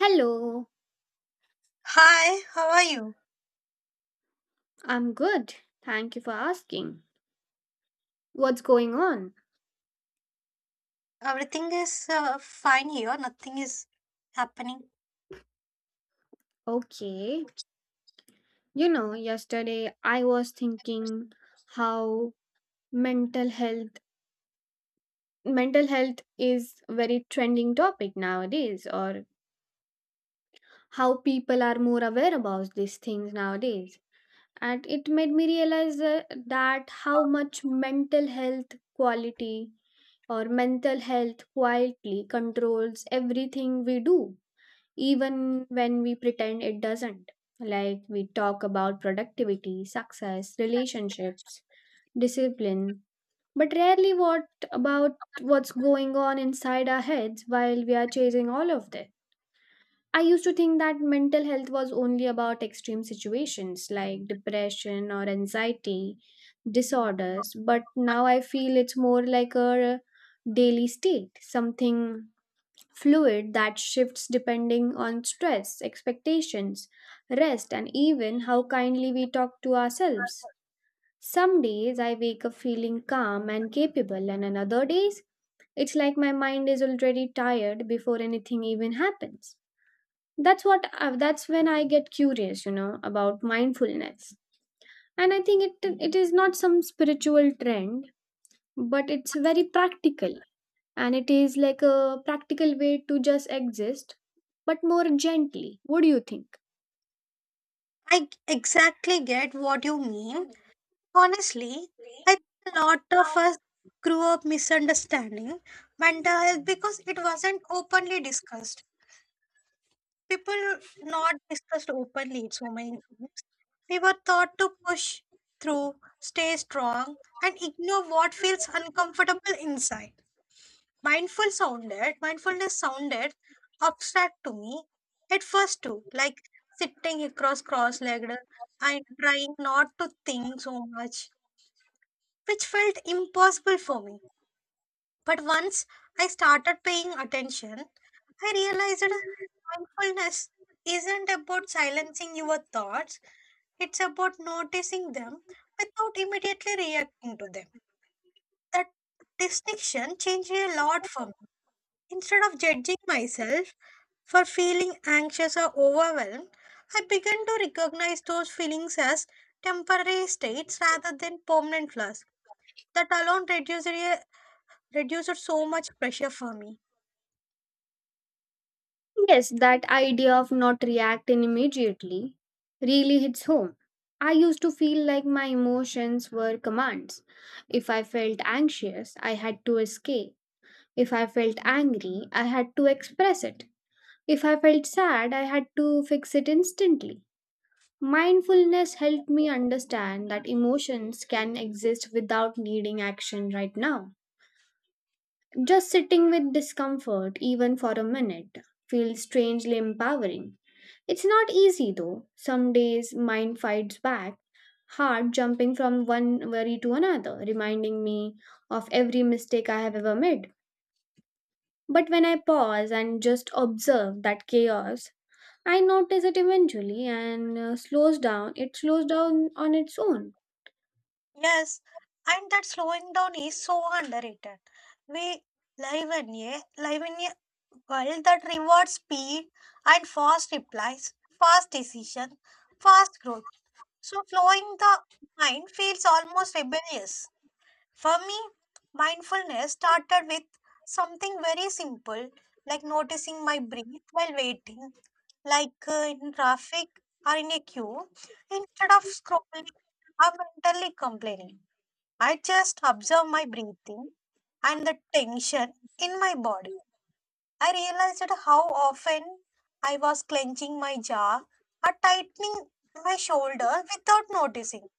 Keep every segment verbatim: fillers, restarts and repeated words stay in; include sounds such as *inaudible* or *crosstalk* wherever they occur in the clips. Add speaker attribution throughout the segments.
Speaker 1: Hello,
Speaker 2: Hi, how are you?
Speaker 1: I'm good. Thank you for asking. What's going on?
Speaker 2: Everything is uh, fine here, nothing is happening.
Speaker 1: Okay. You know, yesterday I was thinking how mental health mental health is very trending topic nowadays, or how people are more aware about these things nowadays. And it made me realize uh, that how much mental health quality or mental health quietly controls everything we do even when we pretend it doesn't. Like we talk about productivity, success, relationships, discipline, but rarely what about what's going on inside our heads while we are chasing all of this. I used to think that mental health was only about extreme situations like depression or anxiety disorders, but now I feel it's more like a daily state, something fluid that shifts depending on stress, expectations, rest, and even how kindly we talk to ourselves. Some days I wake up feeling calm and capable, and on other days it's like my mind is already tired before anything even happens. That's what I, that's when I get curious, you know, about mindfulness. And I think it it is not some spiritual trend, but it's very practical, and it is like a practical way to just exist but more gently. What do you think?
Speaker 2: I g- exactly get what you mean. Honestly, I think a lot of us grew up misunderstanding mental health because it wasn't openly discussed. People not discussed openly so many times. We were taught to push through, stay strong, and ignore what feels uncomfortable inside. Mindful sounded mindfulness sounded abstract to me at first too, like sitting across cross-legged and trying not to think so much, which felt impossible for me. But once I started paying attention, I realized that mindfulness isn't about silencing your thoughts, it's about noticing them without immediately reacting to them. That distinction changed a lot for me. Instead of judging myself for feeling anxious or overwhelmed, I began to recognize those feelings as temporary states rather than permanent flaws. That alone reduced, re- reduced so much pressure for me.
Speaker 1: Yes, that idea of not reacting immediately really hits home. I used to feel like my emotions were commands. If I felt anxious, I had to escape. If I felt angry, I had to express it. If I felt sad, I had to fix it instantly. Mindfulness helped me understand that emotions can exist without needing action right now. Just sitting with discomfort, even for a minute, feels strangely empowering. It's not easy though. Some days, mind fights back, hard, jumping from one worry to another, reminding me of every mistake I have ever made. But when I pause and just observe that chaos, I notice it eventually and uh, slows down. It slows down on its own.
Speaker 2: Yes, and that slowing down is so underrated. We live in a live in a world that rewards speed and fast replies, fast decision, fast growth. So slowing the mind feels almost rebellious. For me, mindfulness started with something very simple, like noticing my breath while waiting, like uh, in traffic or in a queue. Instead of scrolling or mentally complaining, I just observe my breathing and the tension in my body. I realized that how often I was clenching my jaw or tightening my shoulder without noticing.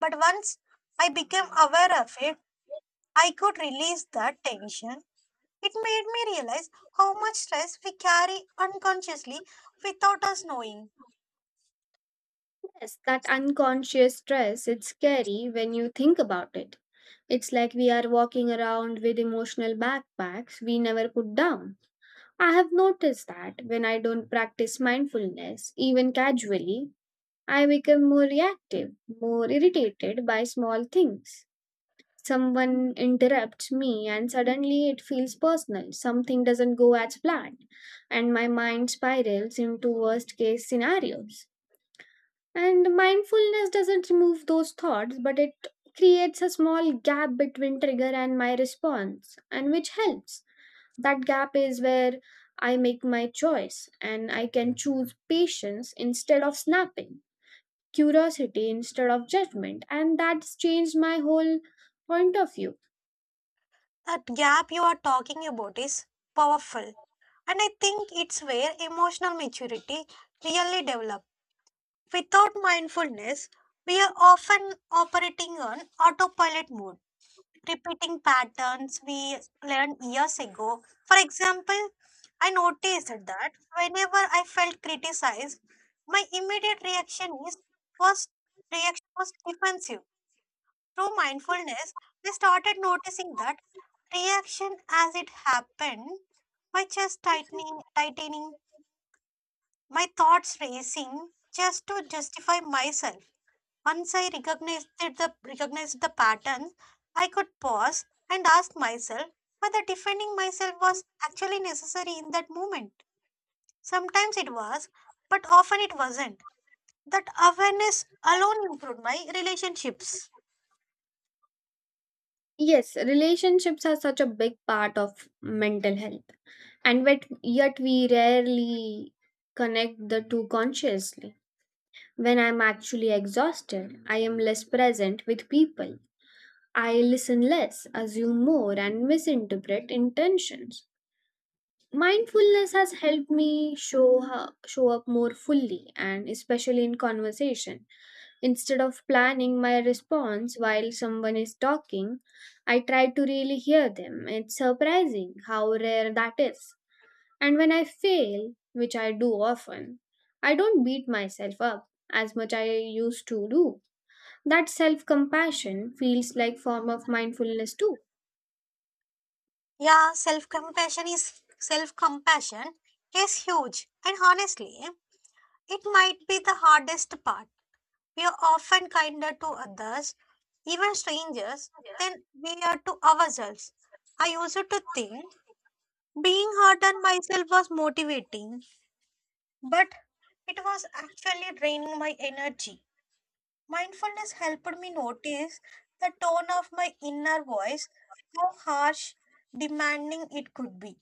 Speaker 2: But once I became aware of it, I could release that tension. It made me realize how much stress we carry unconsciously without us knowing.
Speaker 1: Yes, that unconscious stress, it's scary when you think about it. It's like we are walking around with emotional backpacks we never put down. I have noticed that when I don't practice mindfulness, even casually, I become more reactive, more irritated by small things. Someone interrupts me, and suddenly it feels personal. Something doesn't go as planned, and my mind spirals into worst case scenarios. And mindfulness doesn't remove those thoughts, but it creates a small gap between trigger and my response, and which helps. That gap is where I make my choice and I can choose patience instead of snapping, curiosity instead of judgment, and that's changed my whole point of view.
Speaker 2: That gap you are talking about is powerful, and I think it's where emotional maturity really develops. Without mindfulness, we are often operating on autopilot mode, repeating patterns we learned years ago. For example, I noticed that whenever I felt criticized, my immediate reaction is first reaction was defensive. Through mindfulness, I started noticing that reaction as it happened, my chest tightening, tightening, my thoughts racing just to justify myself. Once I recognized the, recognized the pattern, I could pause and ask myself whether defending myself was actually necessary in that moment. Sometimes it was, but often it wasn't. That awareness alone improved my relationships.
Speaker 1: Yes, relationships are such a big part of mental health, and yet, yet we rarely connect the two consciously. When I'm actually exhausted, I am less present with people. I listen less, assume more, and misinterpret intentions. Mindfulness has helped me show ho- show up more fully and especially in conversation. Instead of planning my response while someone is talking, I try to really hear them. It's surprising how rare that is. And when I fail, which I do often, I don't beat myself up as much I used to do. That self-compassion feels like form of mindfulness too.
Speaker 2: Yeah, self compassion is self compassion is huge, and honestly, it might be the hardest part. We are often kinder to others, even strangers, than we are to ourselves. I used to think being hard on myself was motivating, but it was actually draining my energy. Mindfulness helped me notice the tone of my inner voice, how harsh, demanding it could be.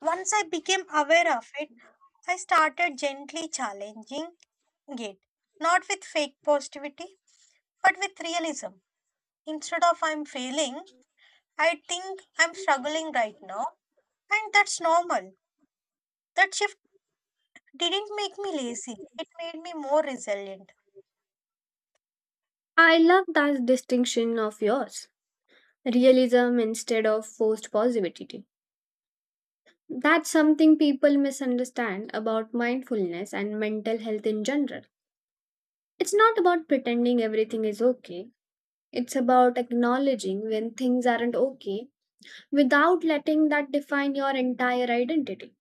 Speaker 2: Once I became aware of it, I started gently challenging it, not with fake positivity, but with realism. Instead of I'm failing, I think I'm struggling right now. And that's normal. That shift didn't make me lazy, it made me more resilient.
Speaker 1: I love that distinction of yours. Realism instead of forced positivity. That's something people misunderstand about mindfulness and mental health in general. It's not about pretending everything is okay. It's about acknowledging when things aren't okay without letting that define your entire identity.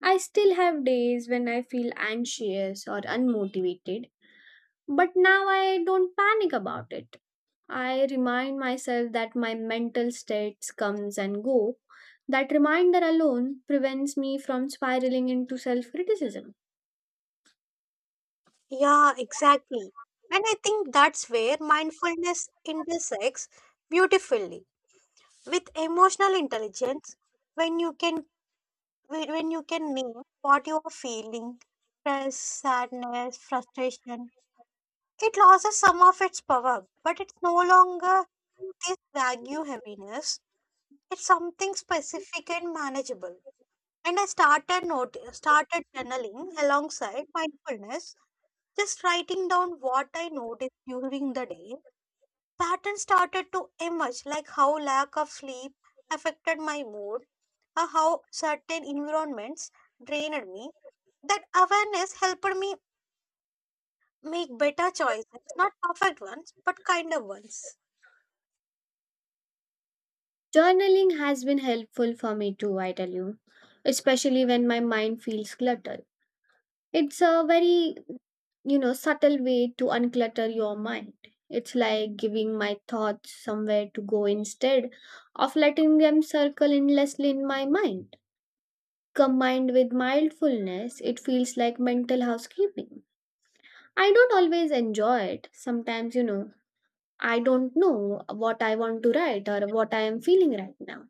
Speaker 1: I still have days when I feel anxious or unmotivated, but now I don't panic about it. I remind myself that my mental states comes and go. That reminder alone prevents me from spiraling into self-criticism.
Speaker 2: Yeah, exactly. And I think that's where mindfulness intersects beautifully with emotional intelligence, when you can when when you can name what you are feeling, stress, sadness, frustration. It loses some of its power, but it's no longer this vague heaviness. It's something specific and manageable. And I started not- started journaling alongside mindfulness, just writing down what I noticed during the day. Patterns started to emerge, like how lack of sleep affected my mood, or how certain environments drained me. That awareness helped me make better choices, not perfect ones, but kinder ones.
Speaker 1: Journaling has been helpful for me too, I tell you, especially when my mind feels cluttered. It's a very, you know, subtle way to unclutter your mind. It's like giving my thoughts somewhere to go instead of letting them circle endlessly in my mind. Combined with mindfulness, it feels like mental housekeeping. I don't always enjoy it. Sometimes, you know, I don't know what I want to write or what I am feeling right now.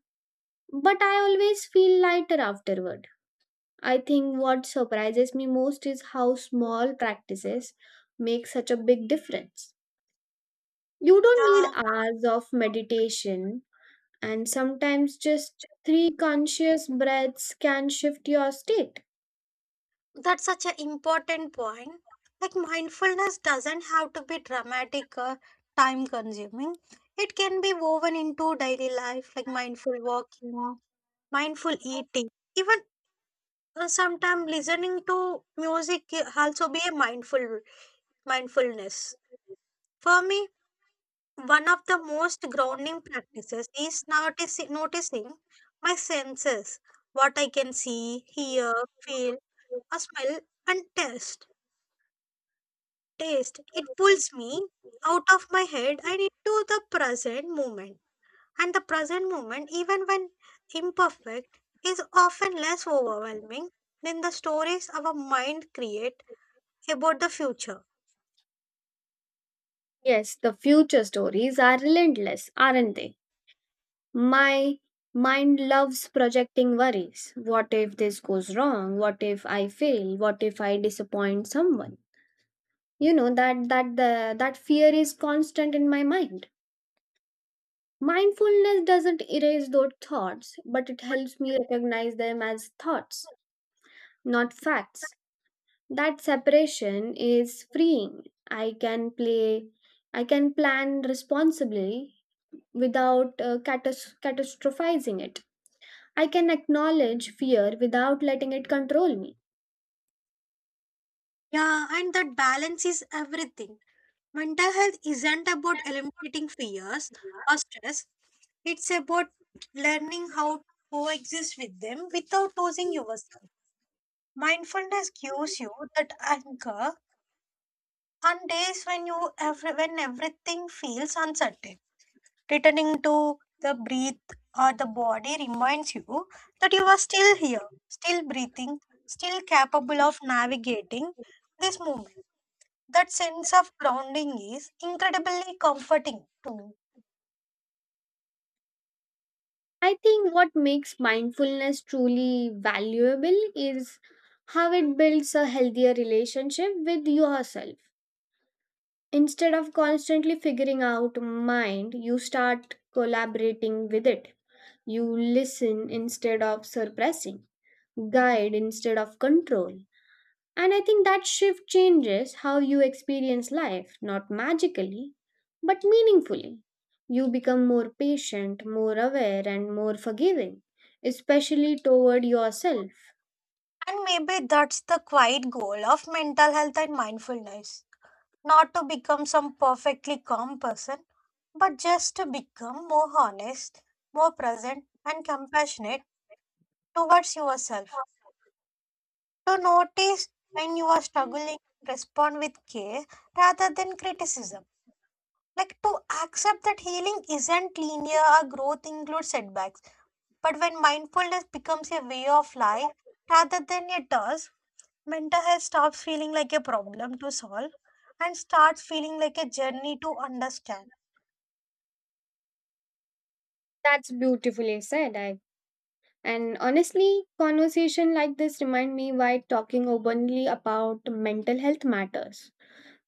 Speaker 1: But I always feel lighter afterward. I think what surprises me most is how small practices make such a big difference. You don't need
Speaker 2: Yeah,
Speaker 1: hours of meditation, and sometimes just three conscious breaths can shift your state.
Speaker 2: that's such an important point. Like mindfulness doesn't have to be dramatic or time consuming. It can be woven into daily life, like mindful walking, mindful eating. Even uh, sometimes listening to music can also be a mindful mindfulness. For me, one of the most grounding practices is noticing noticing my senses, what I can see, hear, feel, or smell and taste taste. It pulls me out of my head and into the present moment. And the present moment, even when imperfect, is often less overwhelming than the stories our mind create about the future.
Speaker 1: Yes, the future stories are relentless, aren't they? My mind loves projecting worries. What if this goes wrong? What if I fail? What if I disappoint someone? You know that that the that fear is constant in my mind. Mindfulness doesn't erase those thoughts, but it helps me recognize them as thoughts, not facts. That separation is freeing. I can play I can plan responsibly without uh, catas- catastrophizing it. I can acknowledge fear without letting it control me.
Speaker 2: Yeah, and that balance is everything. Mental health isn't about eliminating fears or stress. It's about learning how to coexist with them without losing yourself. Mindfulness gives you that anchor on days when you every, when everything feels uncertain, returning to the breath or the body reminds you that you are still here, still breathing, still capable of navigating this moment. That sense of grounding is incredibly comforting to me.
Speaker 1: I think what makes mindfulness truly valuable is how it builds a healthier relationship with yourself. Instead of constantly figuring out mind, you start collaborating with it. You listen instead of suppressing, guide instead of control. And I think that shift changes how you experience life, not magically, but meaningfully. You become more patient, more aware, and more forgiving, especially toward yourself.
Speaker 2: And maybe that's the quiet goal of mental health and mindfulness, not to become some perfectly calm person, but just to become more honest, more present and compassionate towards yourself, to notice when you are struggling, respond with care rather than criticism. Like to accept that healing isn't linear or growth includes setbacks. But when mindfulness becomes a way of life rather than a task, mental health stops feeling like a problem to solve and starts feeling like a journey to understand.
Speaker 1: That's beautifully said. I and honestly, conversation like this remind me why talking openly about mental health matters.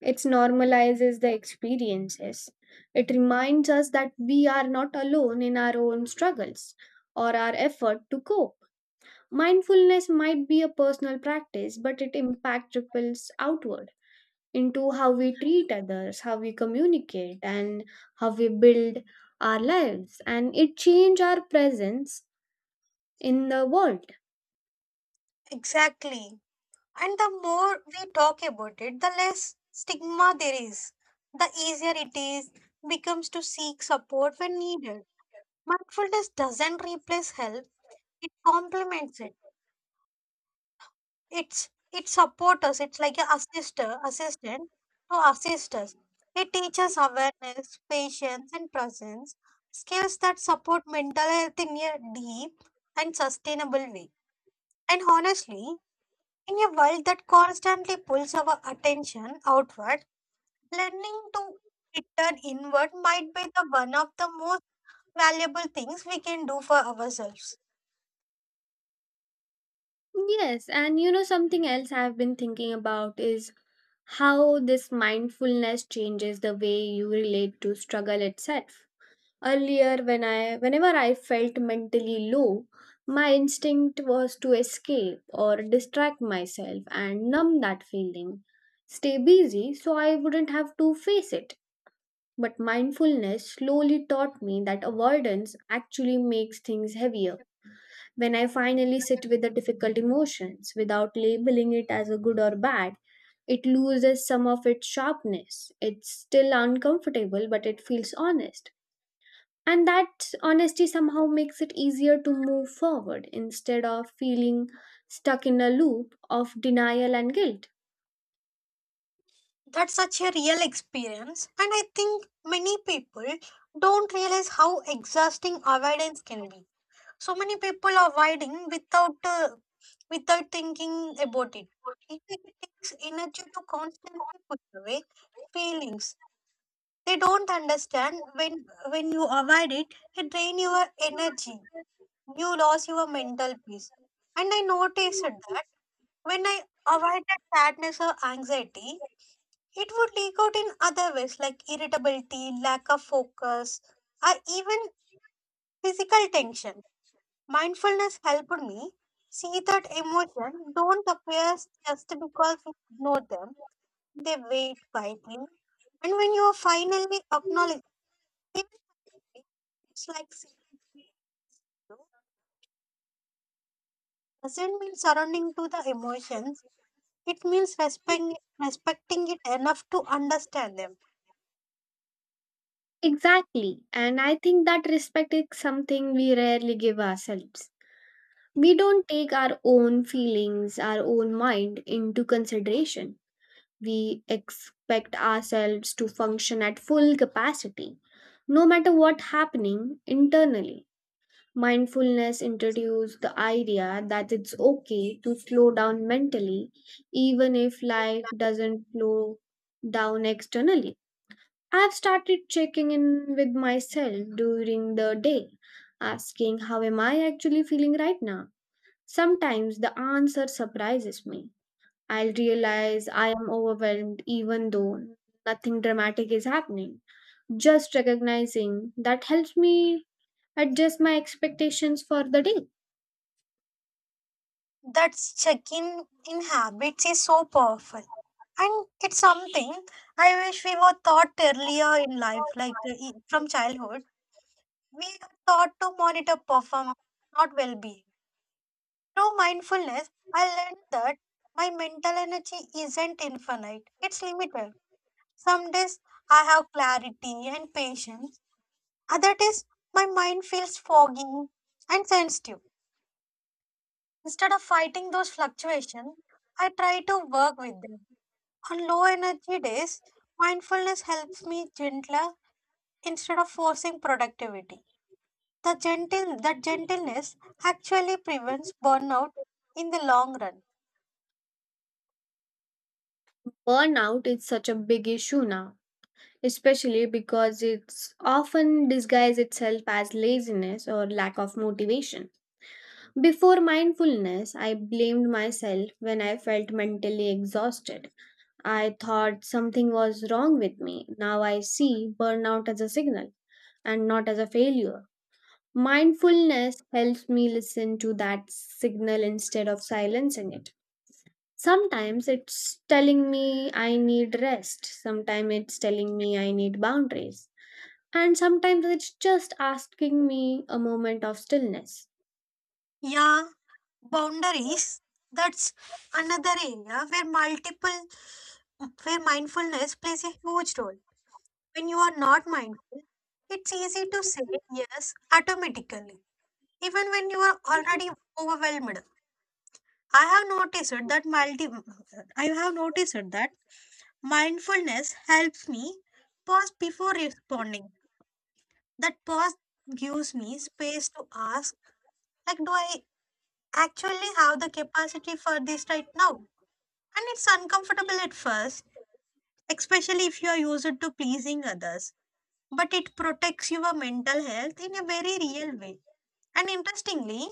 Speaker 1: It normalizes the experiences. It reminds us that we are not alone in our own struggles or our effort to cope. Mindfulness might be a personal practice, but it impact ripples outward into how we treat others, how we communicate, and how we build our lives. And it change our presence in the world.
Speaker 2: Exactly. And the more we talk about it, the less stigma there is. The easier it is becomes to seek support when needed. Mindfulness doesn't replace help; it complements it. It's it supports us. It's like an assister, assistant to assist us. It teaches awareness, patience, and presence, skills that support mental health in a deep and sustainable way. And honestly, in a world that constantly pulls our attention outward, learning to return inward might be the one of the most valuable things we can do for ourselves.
Speaker 1: Yes, and you know something else I've been thinking about is how this mindfulness changes the way you relate to struggle itself. Earlier, when I, whenever I felt mentally low, my instinct was to escape or distract myself and numb that feeling, stay busy so I wouldn't have to face it. But mindfulness slowly taught me that avoidance actually makes things heavier. When I finally sit with the difficult emotions without labeling it as a good or bad, it loses some of its sharpness. It's still uncomfortable, but it feels honest, and that honesty somehow makes it easier to move forward instead of feeling stuck in a loop of denial and guilt.
Speaker 2: That's such a real experience, and I think many people don't realize how exhausting avoidance can be. So many people are avoiding without uh, without thinking about it. It takes energy to constantly put away feelings. They don't understand when when you avoid it, it drains your energy, you lost your mental peace. And I noticed that when I avoided sadness or anxiety, it would leak out in other ways like irritability, lack of focus, or even physical tension. Mindfulness helped me see that emotions don't appear just because we ignore them, they wait quietly. And when you finally acknowledge it, it's like saying no doesn't mean surrounding to the emotions. It means respecting respecting it enough to understand them.
Speaker 1: Exactly. And I think that respect is something we rarely give ourselves. We don't take our own feelings, our own mind into consideration. We expect ourselves to function at full capacity, no matter what happening internally. Mindfulness introduced the idea that it's okay to slow down mentally, even if life doesn't slow down externally. I've started checking in with myself during the day, asking how am I actually feeling right now. Sometimes the answer surprises me. I'll realize I am overwhelmed even though nothing dramatic is happening. Just recognizing that helps me adjust my expectations for the day.
Speaker 2: That check-in in habits is so powerful. And it's something I wish we were taught earlier in life, like uh, e- from childhood. We are taught to monitor performance, not well-being. Through mindfulness, I learned that my mental energy isn't infinite; it's limited. Some days I have clarity and patience. Other days my mind feels foggy and sensitive. Instead of fighting those fluctuations, I try to work with them. On low energy days, mindfulness helps me gentler instead of forcing productivity. The gentle That gentleness actually prevents burnout in the long run.
Speaker 1: Burnout is such a big issue now, especially because it's often disguised itself as laziness or lack of motivation. Before mindfulness, I blamed myself when I felt mentally exhausted. I thought something was wrong with me. Now I see burnout as a signal and not as a failure. Mindfulness helps me listen to that signal instead of silencing it. Sometimes it's telling me I need rest, sometimes it's telling me I need boundaries, and sometimes it's just asking me a moment of stillness.
Speaker 2: Yeah, boundaries. That's another area where multiple where mindfulness plays a huge role. When you are not mindful, it's easy to say yes automatically, even when you are already overwhelmed. I have noticed that multi I have noticed that mindfulness helps me pause before responding. That pause gives me space to ask, like, do I actually have the capacity for this right now? And it's uncomfortable at first, especially if you are used to pleasing others. But it protects your mental health in a very real way. And interestingly,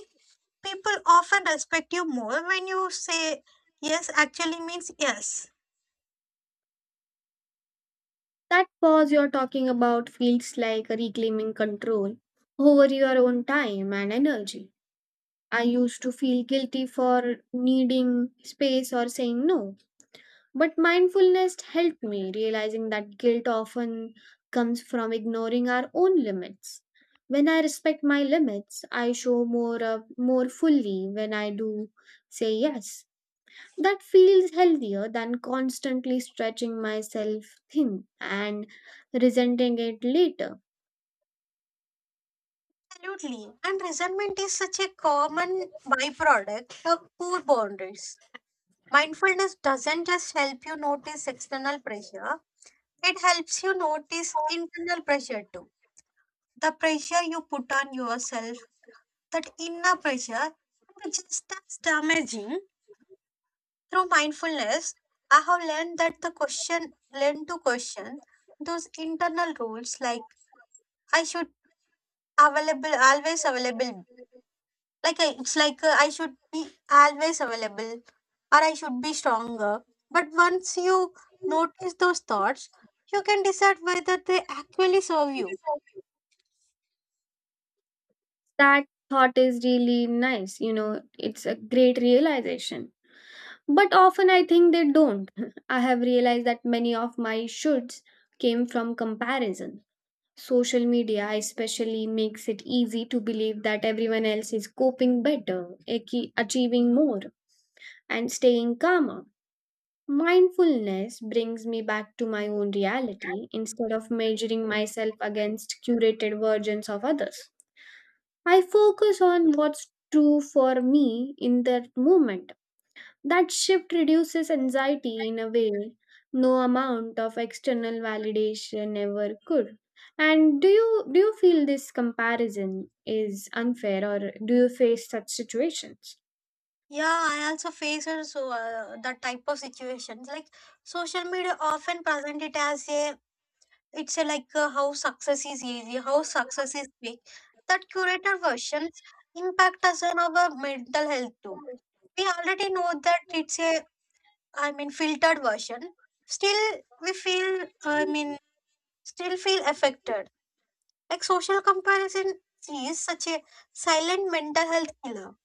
Speaker 2: people often respect you more when you say yes actually means yes.
Speaker 1: That pause you're talking about feels like reclaiming control over your own time and energy. I used to feel guilty for needing space or saying no, but mindfulness helped me realizing that guilt often comes from ignoring our own limits. When I respect my limits, I show more up more fully when I do say yes. That feels healthier than constantly stretching myself thin and resenting it later.
Speaker 2: Absolutely. And resentment is such a common byproduct of poor boundaries. Mindfulness doesn't just help you notice external pressure, it helps you notice internal pressure too. The pressure you put on yourself, that inner pressure, can be just as damaging. Through mindfulness, I have learned that the question, learn to question those internal rules like I should available always available, like I, it's like uh, I should be always available or I should be stronger. But once you notice those thoughts, you can decide whether they actually serve you.
Speaker 1: That thought is really nice, you know, it's a great realization. But often I think they don't. *laughs* I have realized that many of my shoulds came from comparison. Social media especially makes it easy to believe that everyone else is coping better, achi- achieving more, and staying calmer. Mindfulness brings me back to my own reality instead of measuring myself against curated versions of others. I focus on what's true for me in that moment. That shift reduces anxiety in a way no amount of external validation ever could. And do you do you feel this comparison is unfair, or do you face such situations?
Speaker 2: Yeah, I also face also uh, that type of situations. Like social media often present it as a it's a like uh, how success is easy, how success is quick. That curator versions impact us on our mental health too. We already know that it's a I mean filtered version, still we feel, I mean still feel affected. Like social comparison is such a silent mental health killer.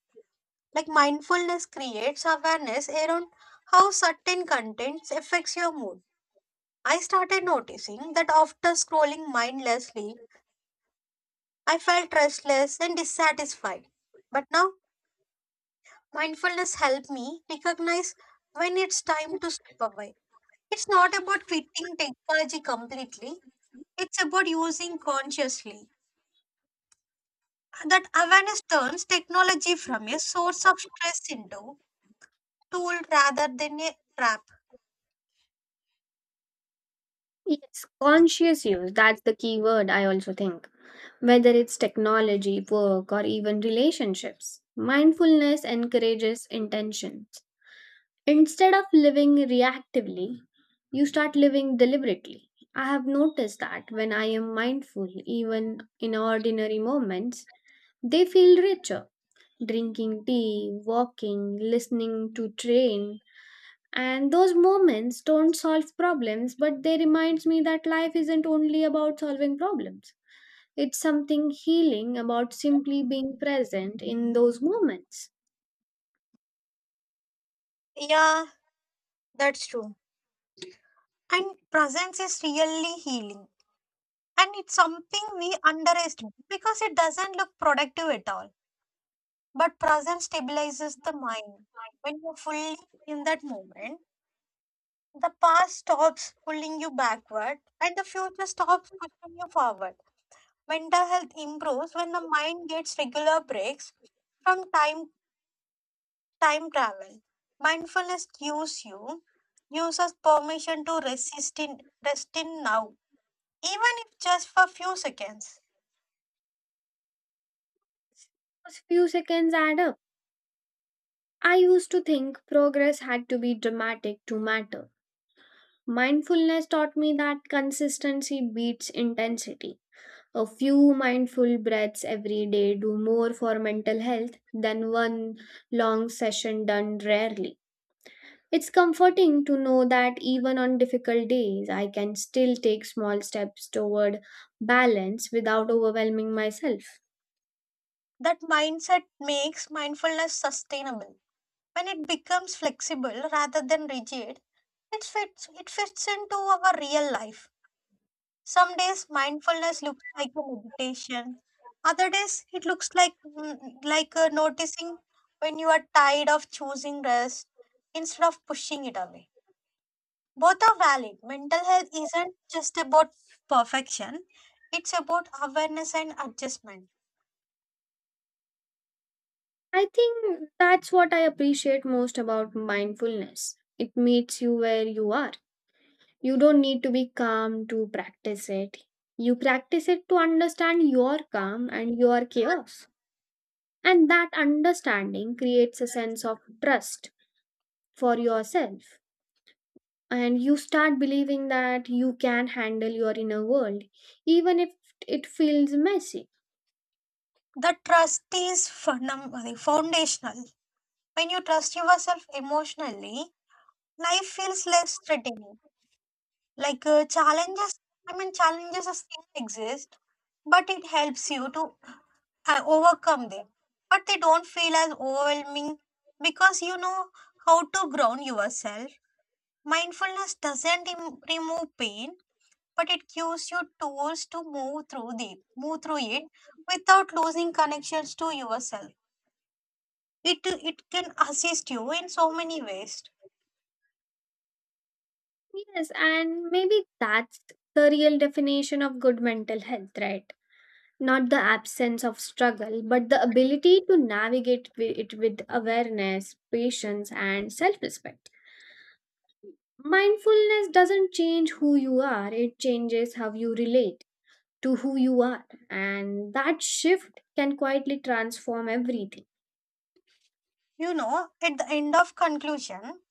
Speaker 2: Like mindfulness creates awareness around how certain contents affects your mood. I started noticing that after scrolling mindlessly, I felt restless and dissatisfied. But now mindfulness helped me recognize when it's time to step away. It's not about quitting technology completely. It's about using consciously. That awareness turns technology from a source of stress into tool rather than a trap.
Speaker 1: Yes, conscious use, that's the key word I also think. Whether it's technology, work, or even relationships, mindfulness encourages intention. Instead of living reactively, you start living deliberately. I have noticed that when I am mindful, even in ordinary moments, they feel richer. Drinking tea, walking, listening to train, and those moments don't solve problems, but they reminds me that life isn't only about solving problems. It's something healing about simply being present in those moments.
Speaker 2: Yeah, that's true. And presence is really healing. And it's something we underestimate because it doesn't look productive at all. But presence stabilizes the mind. When you're fully in that moment, the past stops pulling you backward and the future stops pushing you forward. Mental health improves when the mind gets regular breaks from time time travel. Mindfulness gives you gives us permission to resist in rest in now, even if just for few seconds.
Speaker 1: Those few seconds add up. I used to think progress had to be dramatic to matter. Mindfulness taught me that consistency beats intensity. A few mindful breaths every day do more for mental health than one long session done rarely. It's comforting to know that even on difficult days, I can still take small steps toward balance without overwhelming myself.
Speaker 2: That mindset makes mindfulness sustainable. When it becomes flexible rather than rigid, it fits it fits into our real life. Some days mindfulness looks like a meditation. Other days it looks like mm, like uh, noticing when you are tired of choosing rest instead of pushing it away. Both are valid. Mental health isn't just about perfection. It's about awareness and adjustment.
Speaker 1: I think that's what I appreciate most about mindfulness. It meets you where you are. You don't need to be calm to practice it. You practice it to understand your calm and your chaos. And that understanding creates a sense of trust for yourself. And you start believing that you can handle your inner world, even if it feels messy.
Speaker 2: The trust is fundam- foundational. When you trust yourself emotionally, life feels less threatening. Like uh, challenges, I mean, challenges are still exist, but it helps you to uh, overcome them. But they don't feel as overwhelming because you know how to ground yourself. Mindfulness doesn't em- remove pain, but it gives you tools to move through the move through it without losing connections to yourself. It it can assist you in so many ways.
Speaker 1: Yes, and maybe that's the real definition of good mental health, right? Not the absence of struggle, but the ability to navigate wi- it with awareness, patience, and self respect. Mindfulness doesn't change who you are, it changes how you relate to who you are. And that shift can quietly transform everything.
Speaker 2: You know, at the end of conclusion,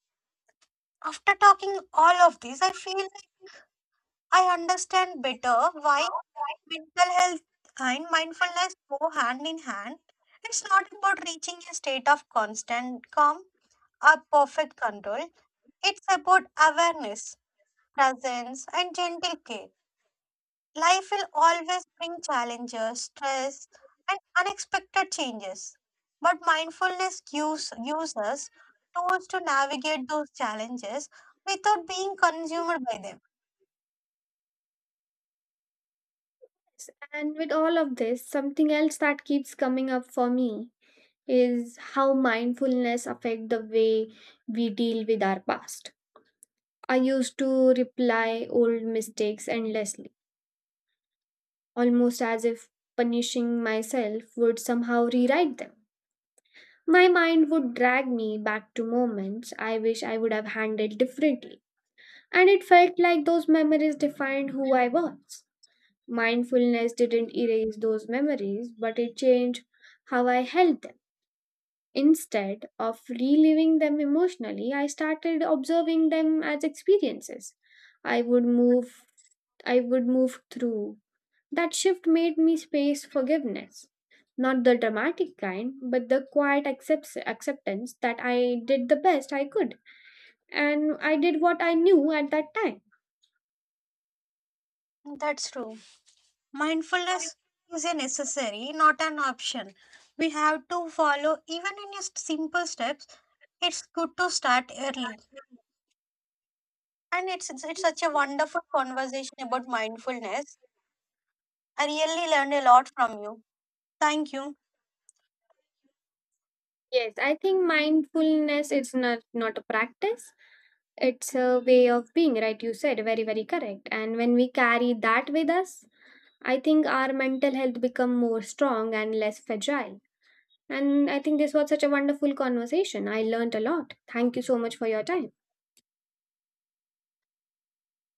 Speaker 2: after talking all of this, I feel I understand better why mental health and mindfulness go hand in hand. It's not about reaching a state of constant calm or perfect control. It's about awareness, presence, and gentle care. Life will always bring challenges, stress, and unexpected changes. But mindfulness gives, gives us tools to navigate those challenges without being consumed by them.
Speaker 1: And with all of this, something else that keeps coming up for me is how mindfulness affect the way we deal with our past. I used to reply old mistakes endlessly, almost as if punishing myself would somehow rewrite them. My mind would drag me back to moments I wish I would have handled differently, and it felt like those memories defined who I was. Mindfulness didn't erase those memories, but it changed how I held them. Instead of reliving them emotionally, I started observing them as experiences. I would move I would move through. That shift made me space forgiveness. Not the dramatic kind, but the quiet accepts acceptance that I did the best I could and I did what I knew at that time.
Speaker 2: That's true. Mindfulness is a necessary, not an option. We have to follow even in just simple steps. It's good to start early. And it's, it's it's such a wonderful conversation about mindfulness. I really learned a lot from you. Thank you.
Speaker 1: Yes, I think mindfulness is not, not a practice, it's a way of being, right? You said very, very correct. And when we carry that with us, I think our mental health become more strong and less fragile. And I think this was such a wonderful conversation. I learned a lot. Thank you so much for your time.